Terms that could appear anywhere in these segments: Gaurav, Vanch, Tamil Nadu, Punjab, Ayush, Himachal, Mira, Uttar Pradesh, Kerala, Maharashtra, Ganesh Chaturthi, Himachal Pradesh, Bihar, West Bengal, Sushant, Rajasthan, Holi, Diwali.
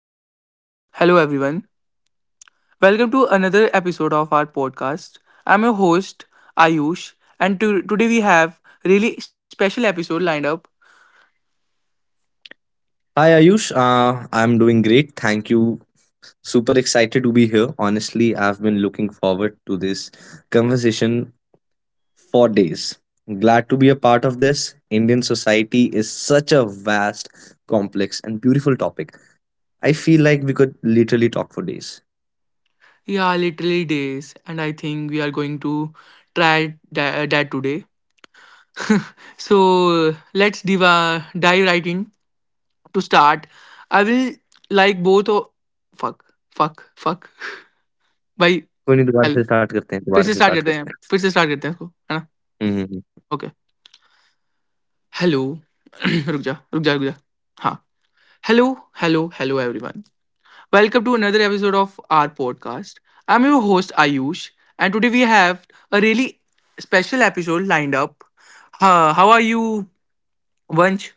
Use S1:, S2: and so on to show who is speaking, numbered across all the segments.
S1: hello. Hello, everyone. Welcome to another episode of our podcast. I'm your host, Ayush, and today we have really special episode lined up.
S2: Hi Ayush, I'm doing great. Thank you. Super excited to be here. Honestly, I've been looking forward to this conversation for days. Glad to be a part of this. Indian society is such a vast, complex, and beautiful topic. I feel like we could literally talk for days.
S1: Yeah, literally days, and I think we are going to try that today. So let's dive right in. To start, I will like both. Fuck, fuck, fuck. भाई
S2: कोई नहीं,
S1: Hello. फिर
S2: दोबारा
S1: से
S2: से
S1: start
S2: start
S1: करते हैं
S2: करते
S1: फिर से स्टार्ट करते हैं इसको है
S2: हैं हम्म
S1: ना Hello, रुक जा, रुक जा, रुक जा. हाँ, hello, hello, hello everyone. Welcome to another episode of our podcast. I'm your host Ayush, and today we have a really special episode lined up. How are you bunch?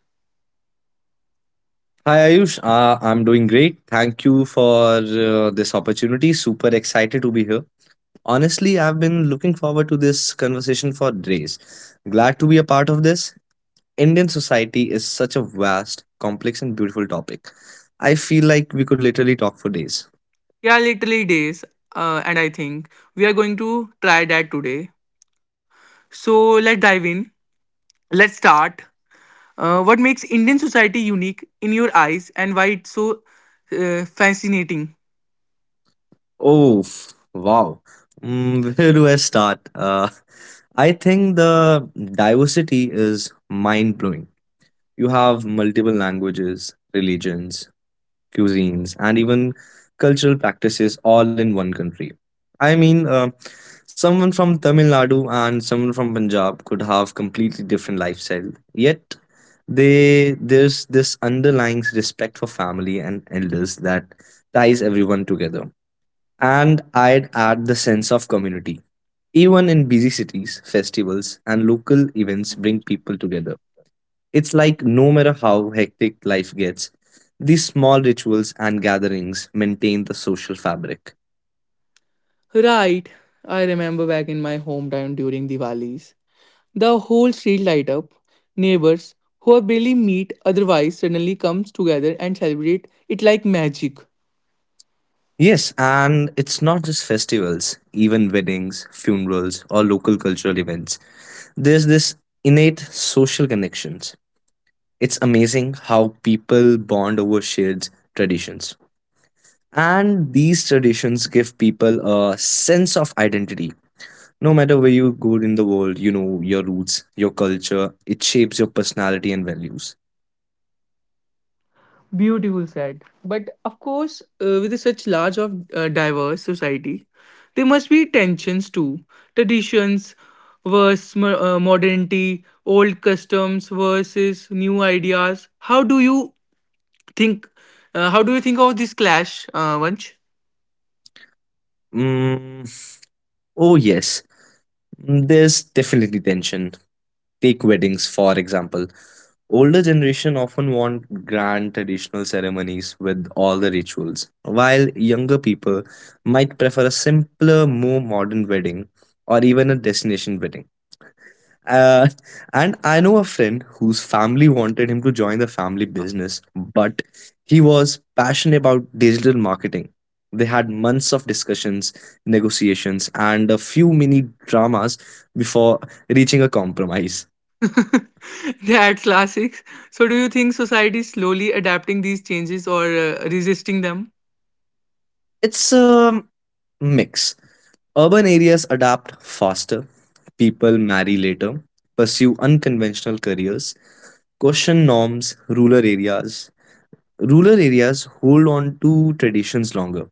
S2: Hi Ayush, I'm doing great. Thank you for this opportunity. Super excited to be here. Honestly, I've been looking forward to this conversation for days. Glad to be a part of this. Indian society is such a vast, complex, and beautiful topic. I feel like we could literally talk for days.
S1: Yeah, literally days. And I think we are going to try that today. So let's dive in. Let's start. What makes Indian society unique in your eyes, and why it's so fascinating?
S2: Oh, wow. Where do I start? I think the diversity is mind blowing. You have multiple languages, religions, cuisines, and even cultural practices all in one country. I mean, someone from Tamil Nadu and someone from Punjab could have completely different lifestyle. Yet they there's this underlying respect for family and elders that ties everyone together. And I'd add the sense of community. Even in busy cities, festivals and local events bring people together. It's like no matter how hectic life gets, these small rituals and gatherings maintain the social fabric.
S1: Right, I remember back in my hometown during Diwalis. The whole street light up. Neighbors who are barely meet otherwise suddenly comes together and celebrate it like magic.
S2: Yes, and it's not just festivals, even weddings, funerals, or local cultural events. There's this innate social connections. It's amazing how people bond over shared traditions. And these traditions give people a sense of identity. No matter where you go in the world, you know your roots, your culture, it shapes your personality and values.
S1: Beautiful said. But of course, with such large of diverse society, there must be tensions too. Traditions versus modernity, old customs versus new ideas. How do you think? How do you think of this clash, Vanch?
S2: Mm, oh, yes. There's definitely tension. Take weddings, for example. Older generation often want grand traditional ceremonies with all the rituals, while younger people might prefer a simpler, more modern wedding, or even a destination wedding. Uh, and I know a friend whose family wanted him to join the family business, but he was passionate about digital marketing. They had months of discussions, negotiations, and a few mini dramas before reaching a compromise.
S1: they add classics. So, do you think society is slowly adapting these changes or resisting them?
S2: It's a mix. Urban areas adapt faster, people marry later, pursue unconventional careers, question norms, rural areas. Rural areas hold on to traditions longer.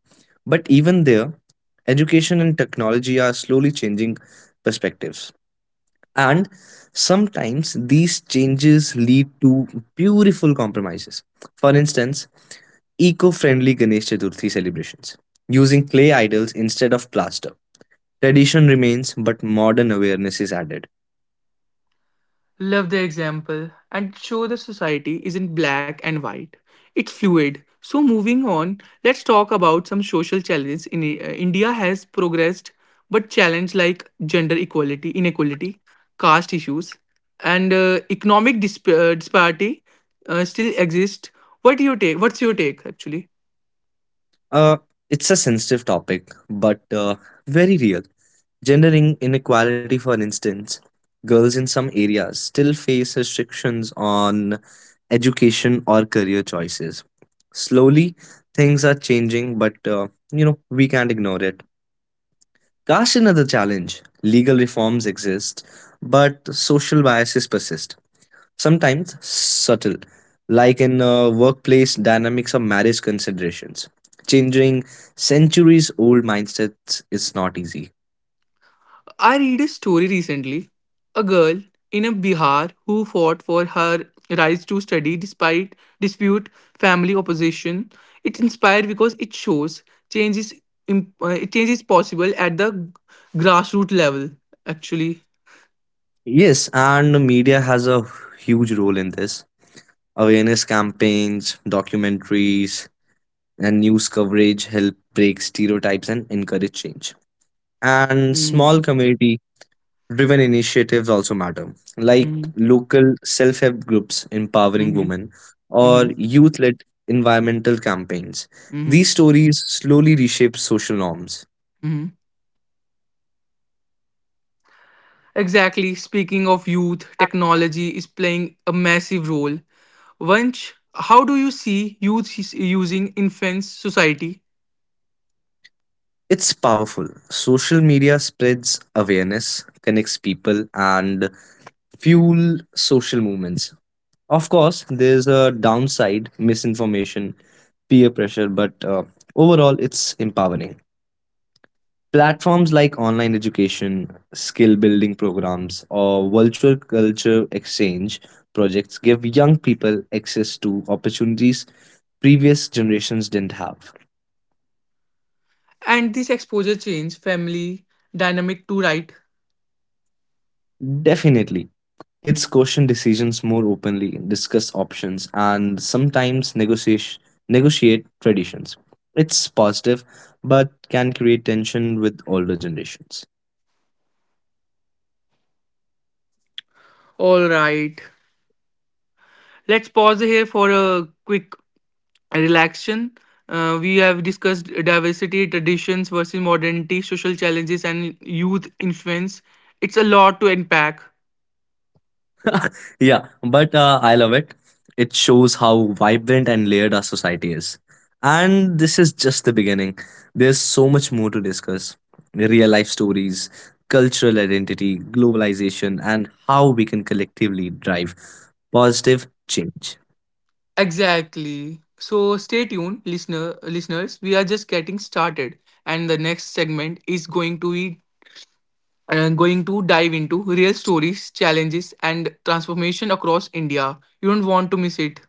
S2: But even there, education and technology are slowly changing perspectives. And sometimes these changes lead to beautiful compromises. For instance, eco friendly Ganesh Chaturthi celebrations, using clay idols instead of plaster. Tradition remains, but modern awareness is added.
S1: Love the example and show the society isn't black and white. It's fluid. So, moving on, let's talk about some social challenges. In India has progressed, but challenges like gender equality, inequality, caste issues, and economic disparity still exist. What do you take? What's your take actually?
S2: Uh, it's a sensitive topic, but very real. Gender inequality, for instance, girls in some areas still face restrictions on education or career choices. Slowly, things are changing, but you know we can't ignore it. Caste is another challenge. Legal reforms exist, but social biases persist, sometimes subtle, like in workplace dynamics or marriage considerations. Changing centuries old mindsets is not easy.
S1: I read a story recently a girl in a Bihar who fought for her rights to study despite dispute, family opposition. It inspired because it shows change is, change is possible at the grassroots level, actually.
S2: Yes, and the media has a huge role in this. Awareness campaigns, documentaries, and news coverage help break stereotypes and encourage change. And
S1: Mm,
S2: small community driven initiatives also matter, like
S1: mm,
S2: local self help groups empowering
S1: mhm,
S2: women or
S1: mhm,
S2: youth led environmental campaigns.
S1: mhm,
S2: These stories slowly reshape social norms.
S1: mhm. Exactly. Speaking of youth, technology is playing a massive role. Vanch, how do you see youth is using influence society?
S2: It's powerful. Social media spreads awareness, connects people, and fuel social movements. Of course, there's a downside: misinformation, peer pressure, but overall, it's empowering. Platforms like online education, skill building programs, or virtual culture exchange projects give young people access to opportunities previous generations didn't have.
S1: And this exposure change family dynamic too, right?
S2: Definitely, kids question decisions more openly, discuss options, and sometimes negotiate traditions. It's positive, but can create tension with older generations.
S1: All right. Let's pause here for a quick relaxation. We have discussed diversity, traditions versus modernity, social challenges, and youth influence. It's a lot to unpack.
S2: Yeah, but I love it. It shows how vibrant and layered our society is. And this is just the beginning. There's so much more to discuss: real life stories, cultural identity, globalization, and how we can collectively drive positive change.
S1: Exactly. So stay tuned, listener listeners. We are just getting started, and the next segment is going to dive into real stories, challenges, and transformation across India. You don't want to miss it.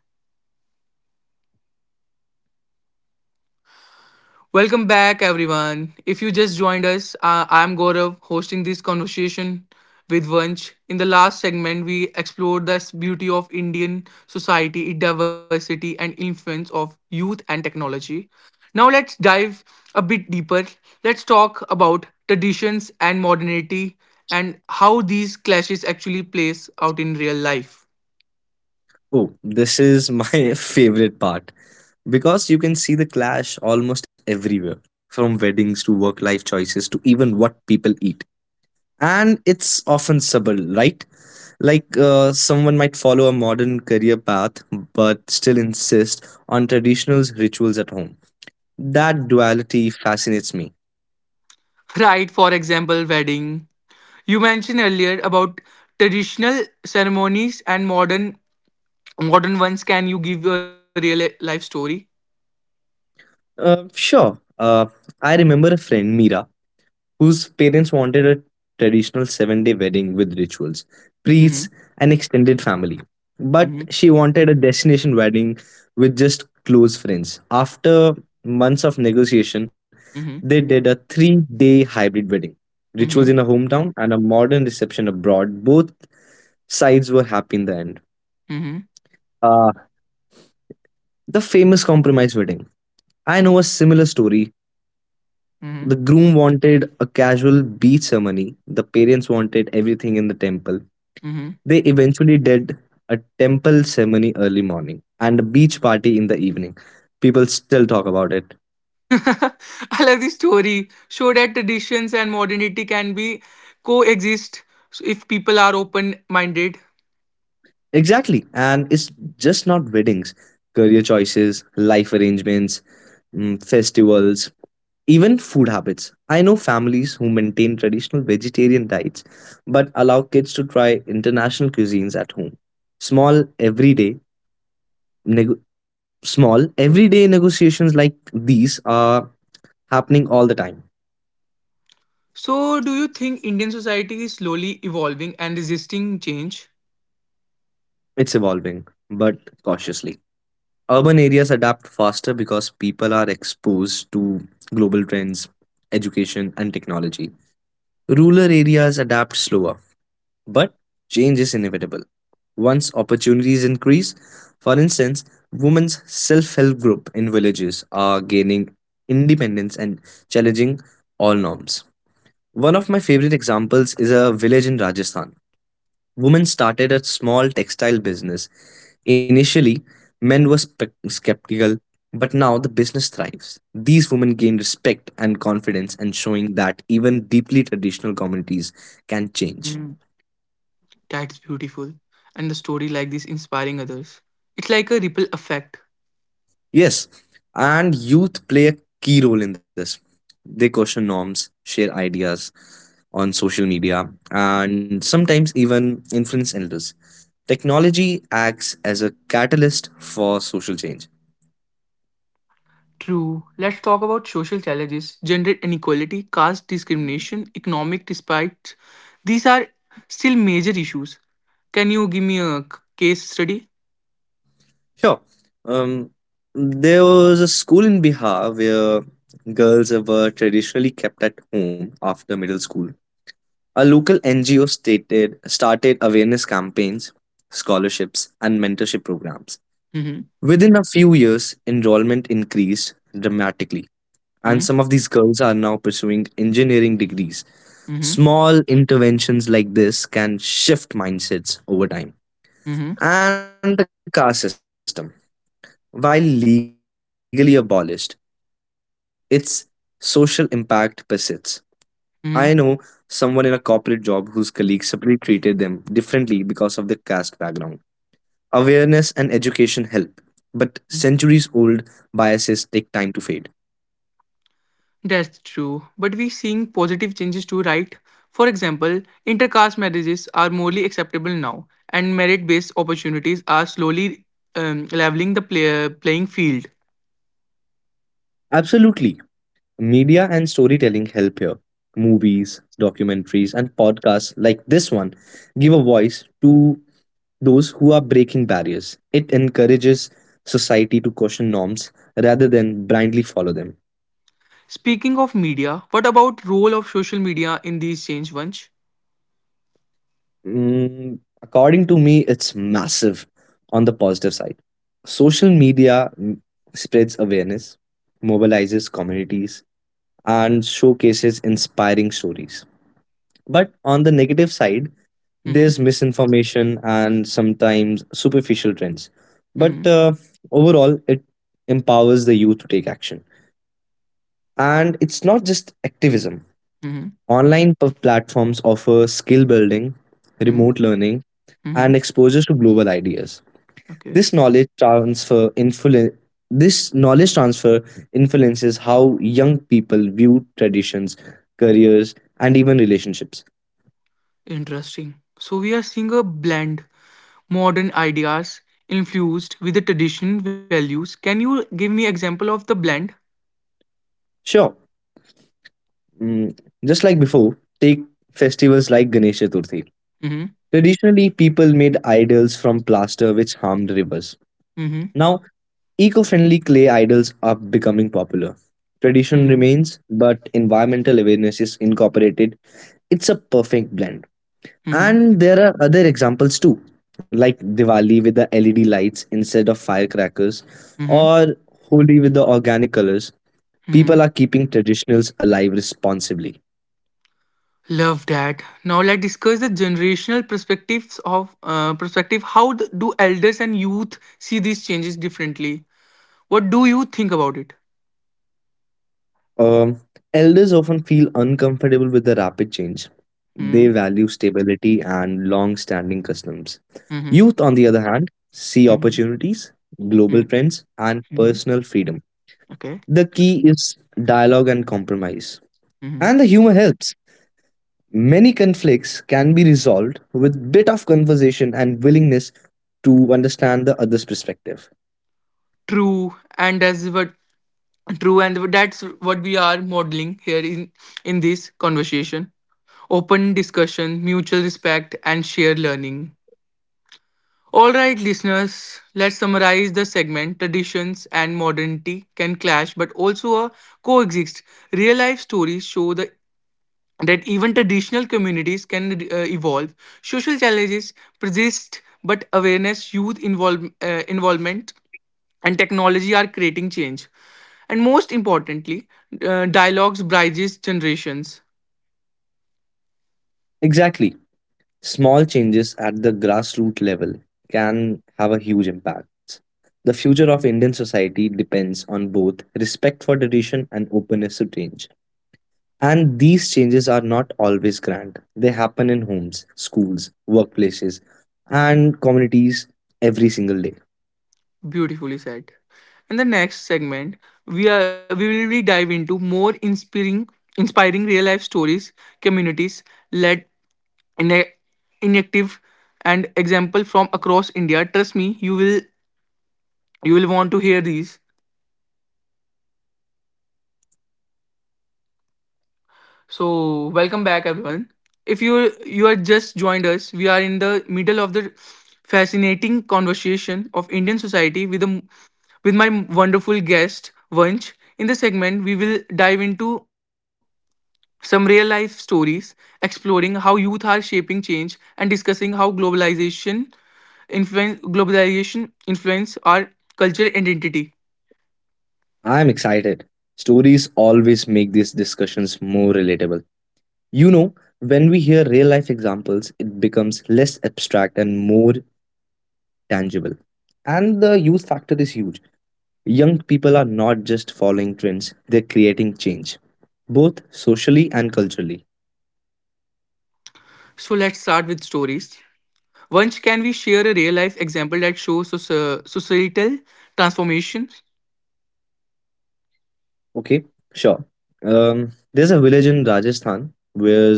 S1: Welcome back, everyone. If you just joined us, I'm Gaurav hosting this conversation with Vanch. In the last segment, we explored the beauty of Indian society, its diversity, and influence of youth and technology. Now, let's dive a bit deeper. Let's talk about traditions and modernity and how these clashes actually plays out in real life.
S2: Oh, this is my favorite part, because you can see the clash almost everywhere, from weddings to work life choices to even what people eat. And it's often subtle, right? Like someone might follow a modern career path but still insist on traditional rituals at home. That duality fascinates me.
S1: Right, for example, wedding. You mentioned earlier about traditional ceremonies and modern ones, can you give a real life story?
S2: Sure. I remember a friend, Mira, whose parents wanted a traditional 7-day wedding with rituals, priests,
S1: Mm-hmm.
S2: and extended family. But
S1: Mm-hmm.
S2: she wanted a destination wedding with just close friends. After months of negotiation, they
S1: Mm-hmm.
S2: did a 3-day hybrid wedding. Rituals in a
S1: Mm-hmm.
S2: hometown and a modern reception abroad. Both sides were happy in the end.
S1: Mm-hmm.
S2: Uh, the famous compromise wedding. I know a similar story. The
S1: Mm-hmm.
S2: groom wanted a casual beach ceremony. The parents wanted everything in the temple.
S1: Mm-hmm.
S2: They eventually did a temple ceremony early morning and a beach party in the evening. People still talk about it.
S1: I love this story. Show that traditions and modernity can be coexist so if people are open minded.
S2: Exactly. And it's just not weddings, career choices, life arrangements, festivals, even food habits. I know families who maintain traditional vegetarian diets but allow kids to try international cuisines at home. Small, everyday neg- small everyday negotiations like these are happening all the time.
S1: So, do you think Indian society is slowly evolving and resisting change?
S2: It's evolving but cautiously. Urban areas adapt faster because people are exposed to global trends, education and technology. Rural areas adapt slower, but change is inevitable once opportunities increase. For instance, women's self-help group in villages are gaining independence and challenging all norms. One of my favorite examples is a village in Rajasthan. Women started a small textile business. Initially, men were skeptical, but now the business thrives. These women gain respect and confidence, and showing that even deeply traditional communities can
S1: Mm,
S2: change.
S1: that's beautiful. And the story like this inspiring others. It's like a ripple effect.
S2: Yes, and youth play a key role in this. They question norms, share ideas on social media, and sometimes even influence elders. Technology acts as a catalyst for social change.
S1: True. Let's talk about social challenges, gender inequality, caste discrimination, economic disparities. These are still major issues. Can you give me a case study?
S2: Sure. um, there was a school in Bihar where girls were traditionally kept at home after middle school. A local NGO stated started awareness campaigns, scholarships, and mentorship programs.
S1: Mm-hmm.
S2: Within a few years, enrollment increased dramatically, and
S1: Mm-hmm.
S2: some of these girls are now pursuing engineering degrees.
S1: Mm-hmm.
S2: Small interventions like this can shift mindsets over time.
S1: Mm-hmm.
S2: And the caste system, while legally abolished, its social impact persists. I know someone in a corporate job whose colleagues separately treated them differently because of their caste background. Awareness and education help, but centuries old
S1: Mm-hmm.
S2: biases take time to fade.
S1: That's true. But we're seeing positive changes too, right? For example, intercaste marriages are morally acceptable now, and merit based opportunities are slowly leveling the playing field.
S2: Absolutely. Media and storytelling help here. Movies, documentaries, and podcasts like this one give a voice to those who are breaking barriers. It encourages society to question norms rather than blindly follow them.
S1: Speaking of media, what about role of social media in these change, Vansh?
S2: According to me, it's massive. On the positive side, social media spreads awareness, mobilizes communities, and showcases inspiring stories. But on the negative side,
S1: Mm-hmm.
S2: there's misinformation and sometimes superficial trends. But
S1: Mm-hmm.
S2: overall, it empowers the youth to take action. And it's not just activism.
S1: Mm-hmm.
S2: Online platforms offer skill building,
S1: Mm-hmm.
S2: remote learning,
S1: Mm-hmm.
S2: and exposure to global ideas.
S1: Okay.
S2: This knowledge transfer influ- this knowledge transfer influences how young people view traditions, careers, and even relationships.
S1: Interesting. So we are seeing a blend modern ideas infused with the traditional values. Can you give me example of the blend?
S2: Sure. Mm, just like before, take festivals like Ganesh Chaturthi.
S1: Mm-hmm.
S2: Traditionally, people made idols from plaster which harmed rivers.
S1: Mm-hmm.
S2: Now, eco friendly clay idols are becoming popular. Tradition
S1: Mm-hmm.
S2: remains, but environmental awareness is incorporated. It's a perfect blend.
S1: Mm-hmm.
S2: And there are other examples too, like Diwali with the LED lights instead of firecrackers,
S1: Mm-hmm.
S2: or Holi with the organic colors.
S1: Mm-hmm.
S2: People are keeping traditionals alive responsibly.
S1: Love that. Now let's discuss the generational perspectives of perspective. How do elders and youth see these changes differently? What do you think about it?
S2: Um, Elders often feel uncomfortable with the rapid change. They
S1: Mm,
S2: value stability and long standing customs.
S1: hmm,
S2: Youth, on the other hand, see
S1: hmm,
S2: opportunities, global trends, and
S1: hmm.
S2: personal freedom.
S1: Okay.
S2: The key is dialogue and compromise.
S1: Hmm.
S2: And the humor helps. Many conflicts can be resolved with bit of conversation and willingness to understand the other's perspective.
S1: True, and that's what true, and that's what we are modeling here in this conversation. Open discussion, mutual respect, and shared learning. All right, listeners, let's summarize the segment. Traditions and modernity can clash but also coexist. Real life stories show that even traditional communities can evolve. Social challenges persist, but awareness, youth involvement, and technology are creating change. And most importantly, dialogues bridges generations.
S2: Exactly. Small changes at the grassroots level can have a huge impact. The future of Indian society depends on both respect for tradition and openness to change. And these changes are not always grand. They happen in homes, schools, workplaces, and communities every single day.
S1: Beautifully said. In the next segment, we will be dive into more inspiring real life stories, communities led in inactive and example from across India. Trust me, you will want to hear these. So welcome back everyone. If you are just joined us, we are in the middle of the fascinating conversation of Indian society with my wonderful guest Vanch. In the segment, we will dive into some real life stories, exploring how youth are shaping change, and discussing how globalization influence our cultural identity.
S2: I am excited. Stories always make these discussions more relatable. You know, when we hear real life examples, it becomes less abstract and more tangible. And the youth factor is huge. Young people are not just following trends, they're creating change, both socially and culturally.
S1: So let's start with stories. Once can we share a real life example that shows societal transformations?
S2: Okay, sure. There's a village in Rajasthan where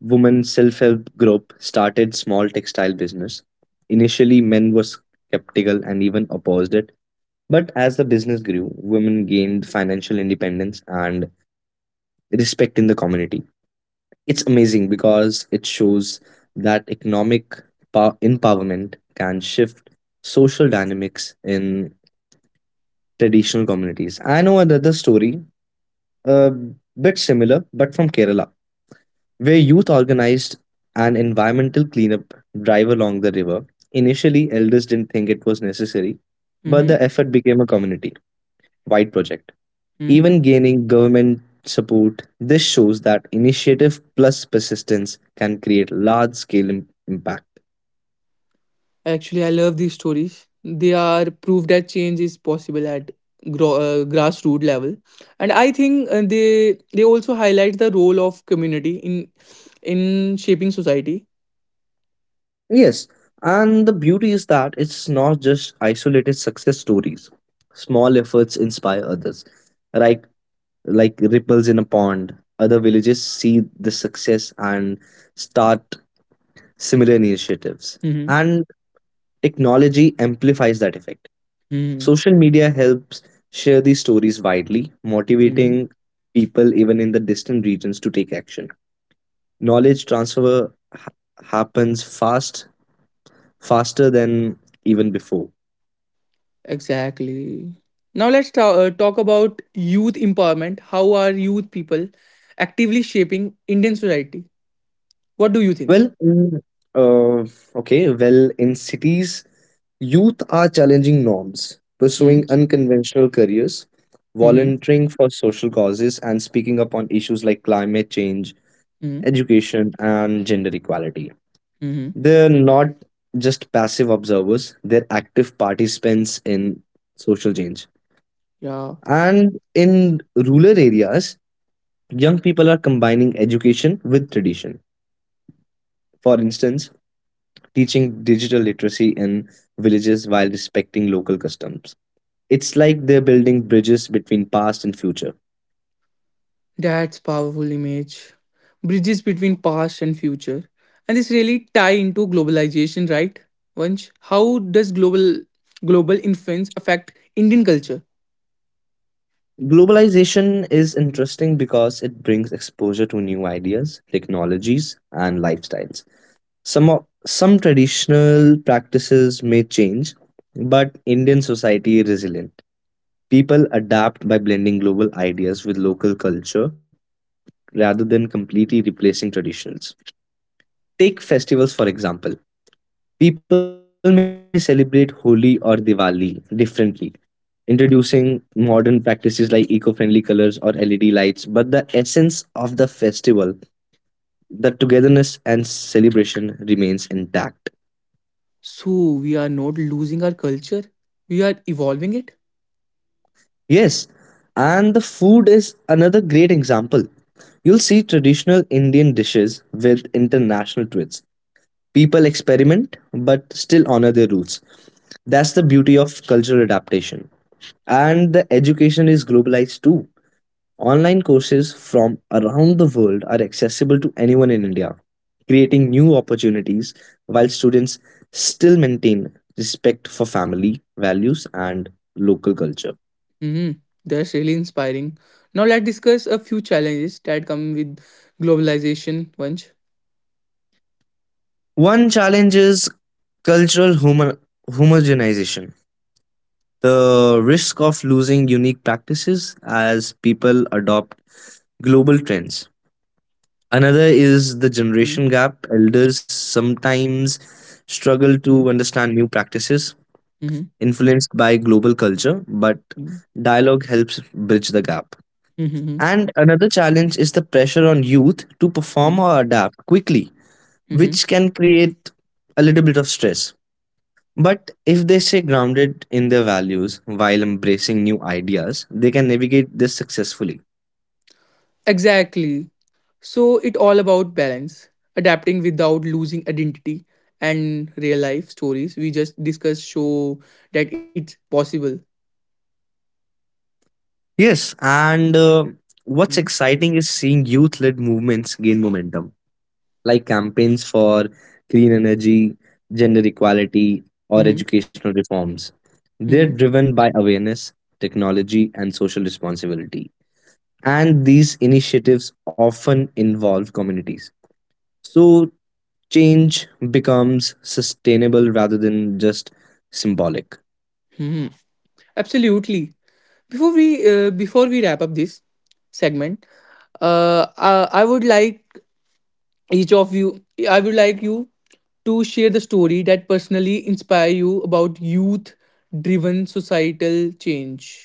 S2: women self-help group started small textile business. Initially, men were skeptical and even opposed it, but as the business grew, women gained financial independence and respect in the community. It's amazing because it shows that economic empowerment can shift social dynamics in traditional communities. I know another story, a bit similar, but from Kerala, where youth organized an environmental cleanup drive along the river. Initially, elders didn't think it was necessary, but
S1: Mhm.
S2: the effort became a community wide project. Even gaining government support, this shows that initiative plus persistence can create large scale impact.
S1: Actually, I love these stories. They are proof that change is possible at grassroots level, and I think they also highlight the role of community in shaping society.
S2: Yes, and the beauty is that it's not just isolated success stories. Small efforts inspire others, like Like ripples in a pond. Other villages see the success and start similar initiatives.
S1: Mm-hmm.
S2: And technology amplifies that effect.
S1: Mm-hmm.
S2: Social media helps share these stories widely,
S1: Mm-hmm.
S2: motivating people even in the distant regions to take action. Knowledge transfer happens fast, faster than even before.
S1: Exactly. Now let's talk about youth empowerment. How are youth people actively shaping Indian society? What do you think?
S2: Well, mm, in cities, youth are challenging norms, pursuing
S1: Mm-hmm.
S2: unconventional careers,
S1: Mm-hmm.
S2: volunteering for social causes, and speaking up on issues like climate change, education, and gender equality.
S1: Mm-hmm.
S2: They're not just passive observers, they're active participants in social change.
S1: Yeah.
S2: And in rural areas, young people are combining education with tradition. For instance, teaching digital literacy in villages while respecting local customs. It's like they're building bridges between past and future.
S1: That's powerful image. Bridges between past and future. And this really tie into globalization, right? Vansh, how does global influence affect Indian culture?
S2: Globalization is interesting because it brings exposure to new ideas, technologies, and lifestyles. Some traditional practices may change, but Indian society is resilient. People adapt by blending global ideas with local culture rather than completely replacing traditions. Take festivals for example. People may celebrate Holi or Diwali differently, introducing modern practices like eco friendly colors or LED lights, but the essence of the festival, the togetherness and celebration, remains intact.
S1: So we are not losing our culture. We are evolving it.
S2: Yes, and the food is another great example. You'll see traditional Indian dishes with international twists. People experiment but still honor their roots. That's the beauty of cultural adaptation. And the education is globalized too. Online courses from around the world are accessible to anyone in India, creating new opportunities while students still maintain respect for family values and local culture.
S1: Hmm, that's really inspiring. Now let's discuss a few challenges that come with globalization, Vansh.
S2: One challenge is cultural homo- homogenization, the risk of losing unique practices as people adopt global trends. Another is the
S1: Mm-hmm.
S2: generation gap. Elders sometimes struggle to understand new practices
S1: Mm-hmm.
S2: influenced by global culture, but dialogue helps bridge the gap.
S1: Mm-hmm.
S2: And another challenge is the pressure on youth to perform or adapt quickly,
S1: Mm-hmm.
S2: which can create a little bit of stress. But if they stay grounded in their values while embracing new ideas, they can navigate this successfully.
S1: Exactly. So it all about balance, adapting without losing identity and real life stories we just discussed show that it's possible.
S2: Yes, and what's exciting is seeing youth led movements gain momentum, like campaigns for clean energy, gender equality, or
S1: Mm-hmm.
S2: educational reforms. They're
S1: Hmm.
S2: driven by awareness, technology, and social responsibility. And these initiatives often involve communities. So, change becomes sustainable rather than just symbolic.
S1: Hmm. Absolutely. Before we wrap up this segment, I would like each of you. I would like you to share the story that personally inspire you about youth-driven societal change.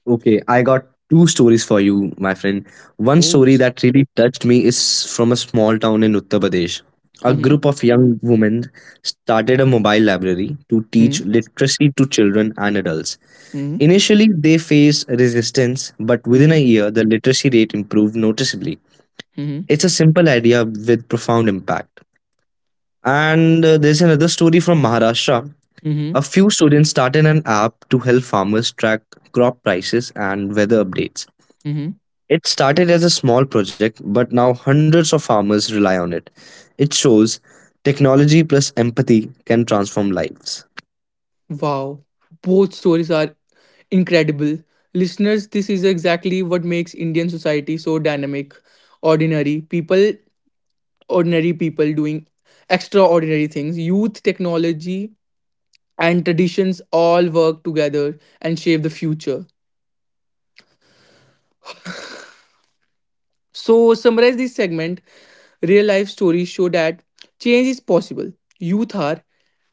S2: Okay, I got two stories for you, my friend. One
S1: Oh.
S2: story that really touched me is from a small town in Uttar Pradesh. A
S1: Mm-hmm.
S2: group of young women started a mobile library to teach literacy to children and adults.
S1: Mm-hmm.
S2: Initially, they faced resistance, but within a
S1: Mm-hmm.
S2: year, the literacy rate improved noticeably.
S1: Mhm,
S2: It's a simple idea with profound impact. And there's another story from Maharashtra.
S1: mhm,
S2: A few students started an app to help farmers track crop prices and weather updates.
S1: mhm.
S2: It started as a small project, but now hundreds of farmers rely on it. It shows technology plus empathy can transform lives.
S1: Wow, both stories are incredible. Listeners, this is exactly what makes Indian society so dynamic. Ordinary people, ordinary people doing extraordinary things. Youth, technology, and traditions all work together and shape the future. So, summarize this segment. Real life stories show that change is possible. Youth are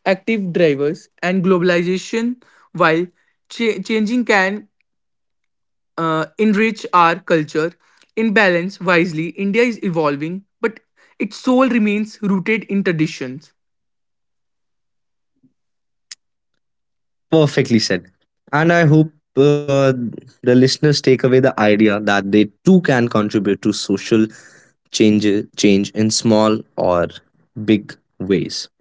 S1: active drivers and globalization while changing can enrich our culture. In balance, wisely, India is evolving, but its soul remains rooted in traditions.
S2: Perfectly said. And I hope uh, the listeners take away the idea that they too can contribute to social change, change in small or big ways.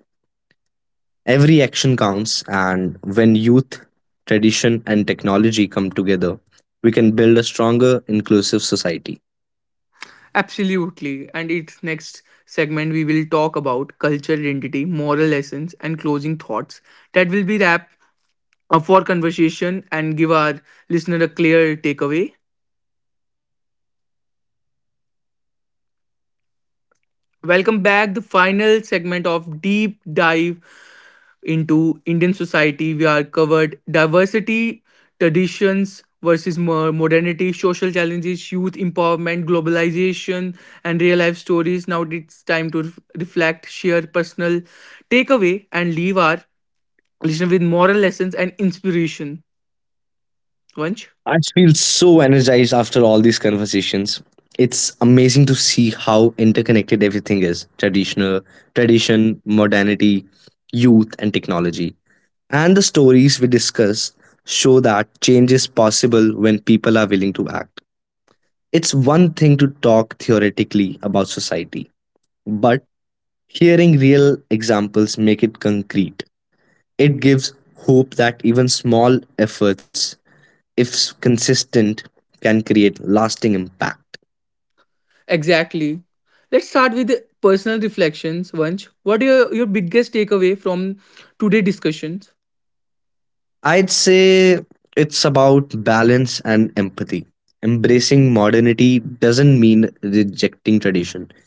S2: Every action counts, and when youth, tradition, and technology come together, we can build a stronger, inclusive society.
S1: Absolutely. And its next segment, we will talk about culture identity, moral lessons, and closing thoughts. That will be wrap up for conversation and give our listener a clear takeaway. Welcome back. The final segment of deep dive into Indian society. We are covered diversity, traditions versus modernity, social challenges, youth empowerment, globalization, and real life stories. Now it's time to reflect, share personal takeaway, and leave our listener with moral lessons and inspiration. Vanch?
S2: I feel so energized after all these conversations. It's amazing to see how interconnected everything is, tradition, modernity, youth, and technology. And the stories we discuss show that change is possible when people are willing to act. It's one thing to talk theoretically about society, but hearing real examples make it concrete. It gives hope that even small efforts, if consistent, can create lasting impact.
S1: Exactly. Let's start with the personal reflections, Vanch. What are your biggest takeaway from today's discussions?
S2: I'd say it's about balance and empathy. Embracing modernity doesn't mean rejecting tradition.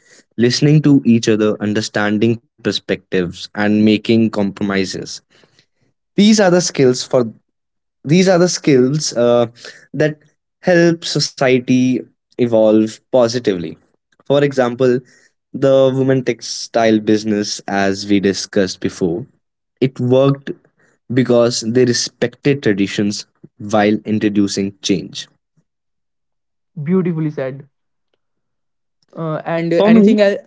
S2: Listening to each other, understanding perspectives, and making compromises. These are the skills for these are the skills that help society evolve positively. For example, the women textile business as we discussed before, it worked because they respected traditions while introducing change.
S1: Beautifully said. And
S2: For me,
S1: anything else?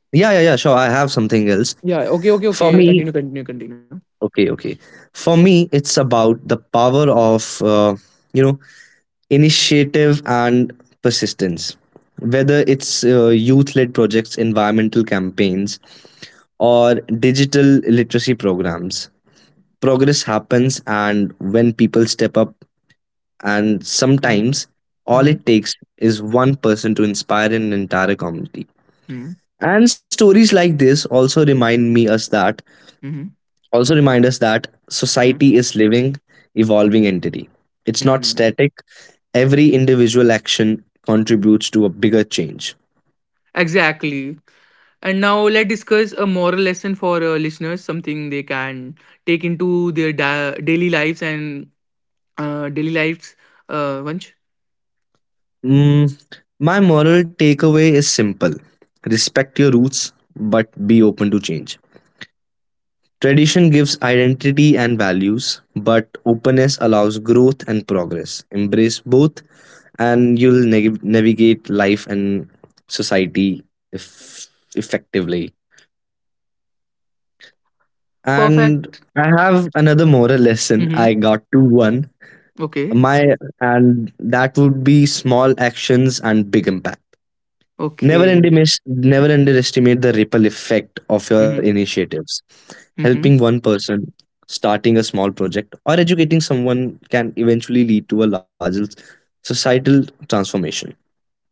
S2: yeah, yeah, yeah, sure, I have something else.
S1: Yeah. Okay, okay,
S2: For me,
S1: okay. Continue, continue, continue.
S2: okay, okay, for me it's about the power of you know initiative and persistence, whether it's youth-led projects, environmental campaigns, or digital literacy programs. Progress happens and when people step up, and
S1: Mhm,
S2: sometimes all
S1: mhm,
S2: it takes is one person to inspire an entire community.
S1: mhm,
S2: And stories like this also remind me us that,
S1: mhm,
S2: also remind us that
S1: mhm,
S2: society is living, evolving entity. It's not
S1: mhm.
S2: static. Every individual action contributes to a bigger change.
S1: Exactly. And now let's discuss a moral lesson for listeners, something they can take into their daily lives. Vansh?
S2: Mm, my moral takeaway is simple, respect your roots, but be open to change. Tradition gives identity and values, but openness allows growth and progress. Embrace both, and you'll navigate life and society eff- effectively. And
S1: Perfect.
S2: I have another moral lesson. I
S1: Hmm.
S2: got to one.
S1: Okay.
S2: My, and that would be small actions and big impact. Never
S1: Okay.
S2: underestimate, Never underestimate the ripple effect of your
S1: Hmm.
S2: initiatives. Helping
S1: Hmm.
S2: one person, starting a small project, or educating someone can eventually lead to a larger societal transformation.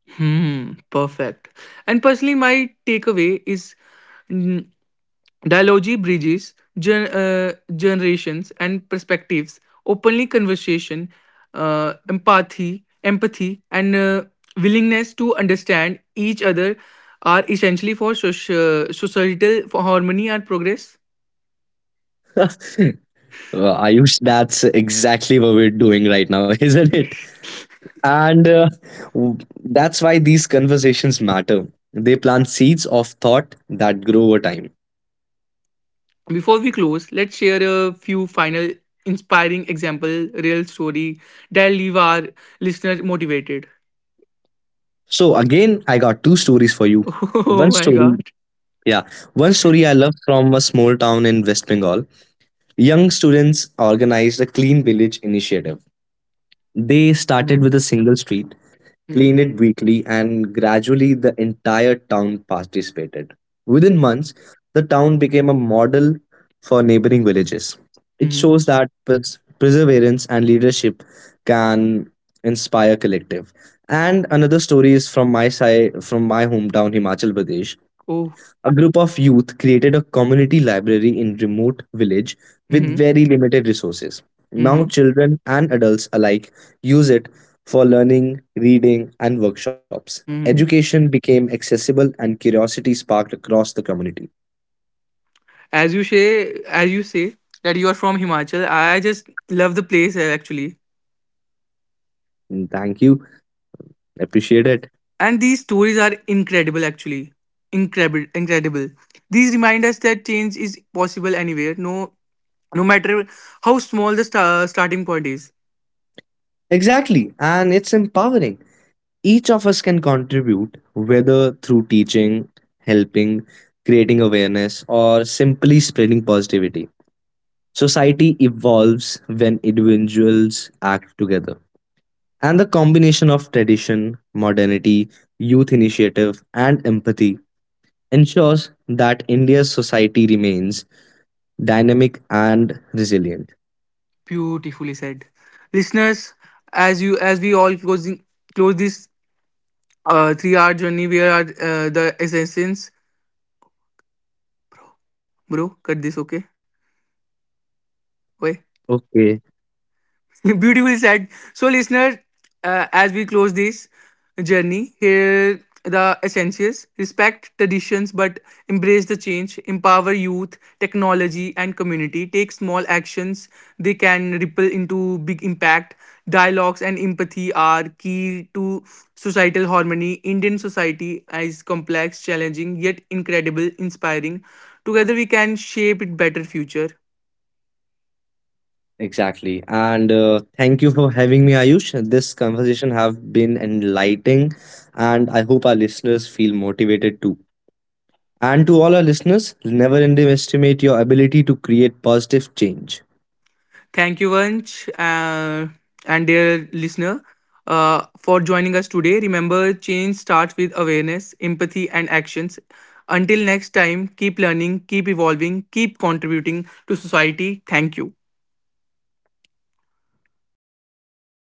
S1: Hmm. Perfect. And personally, my takeaway is. Dialogy bridges generations and perspectives, openly conversation, empathy, and willingness to understand each other are essentially for societal for harmony and progress.
S2: Ayush, that's exactly what we're doing right now, isn't it? And that's why these conversations matter. They plant seeds of thought that grow over time.
S1: Before we close, let's share a few final inspiring example, real story that leave our listeners motivated.
S2: So, again, I got two stories for you.
S1: Oh
S2: One
S1: my
S2: story,
S1: god.
S2: yeah, one story I love from a small town in West Bengal. Young students organized a clean village initiative. They started
S1: Mhm.
S2: with a single street,
S1: Mhm.
S2: cleaned it weekly, and gradually the entire town participated. Within months, the town became a model for neighboring villages. It
S1: Mhm.
S2: shows that perseverance and leadership can inspire collective. And another story is from my side, from my hometown, Himachal Pradesh.
S1: Oh.
S2: A group of youth created a community library in remote village with
S1: Mm-hmm.
S2: very limited resources. Now
S1: Mm-hmm.
S2: children and adults alike use it for learning, reading and workshops.
S1: Mm-hmm.
S2: Education became accessible and curiosity sparked across the community.
S1: As you say that you are from Himachal, I just love the place actually.
S2: Mm, thank you. Appreciate it.
S1: And these stories are incredible actually, incredible. These remind us that change is possible anywhere. No no matter how small the starting point is.
S2: Exactly. And it's empowering. Each of us can contribute whether through teaching, helping, creating awareness or simply spreading positivity. Society evolves when individuals act together. And the combination of tradition, modernity, youth initiative, and empathy ensures that India's society remains dynamic and resilient.
S1: Beautifully said, listeners. As we all closing close this 3-hour journey we are, the essence. Bro, cut this, okay. Oi.
S2: Okay,
S1: Beautifully said. So, listeners, as we close this journey, here the essentials respect traditions but embrace the change, empower youth, technology, and community. Take small actions, they can ripple into big impact. Dialogues and empathy are key to societal harmony. Indian society is complex, challenging, yet incredible, inspiring. Together, we can shape a better future.
S2: exactly. And thank you for having me, Ayush. This conversation have been enlightening, and I hope our listeners feel motivated too. And to all our listeners, never underestimate your ability to create positive change.
S1: Thank you, Vanch, and dear listener, for joining us today. Remember, change starts with awareness, empathy, and actions. Until next time, keep learning, keep evolving, keep contributing to society. Thank you.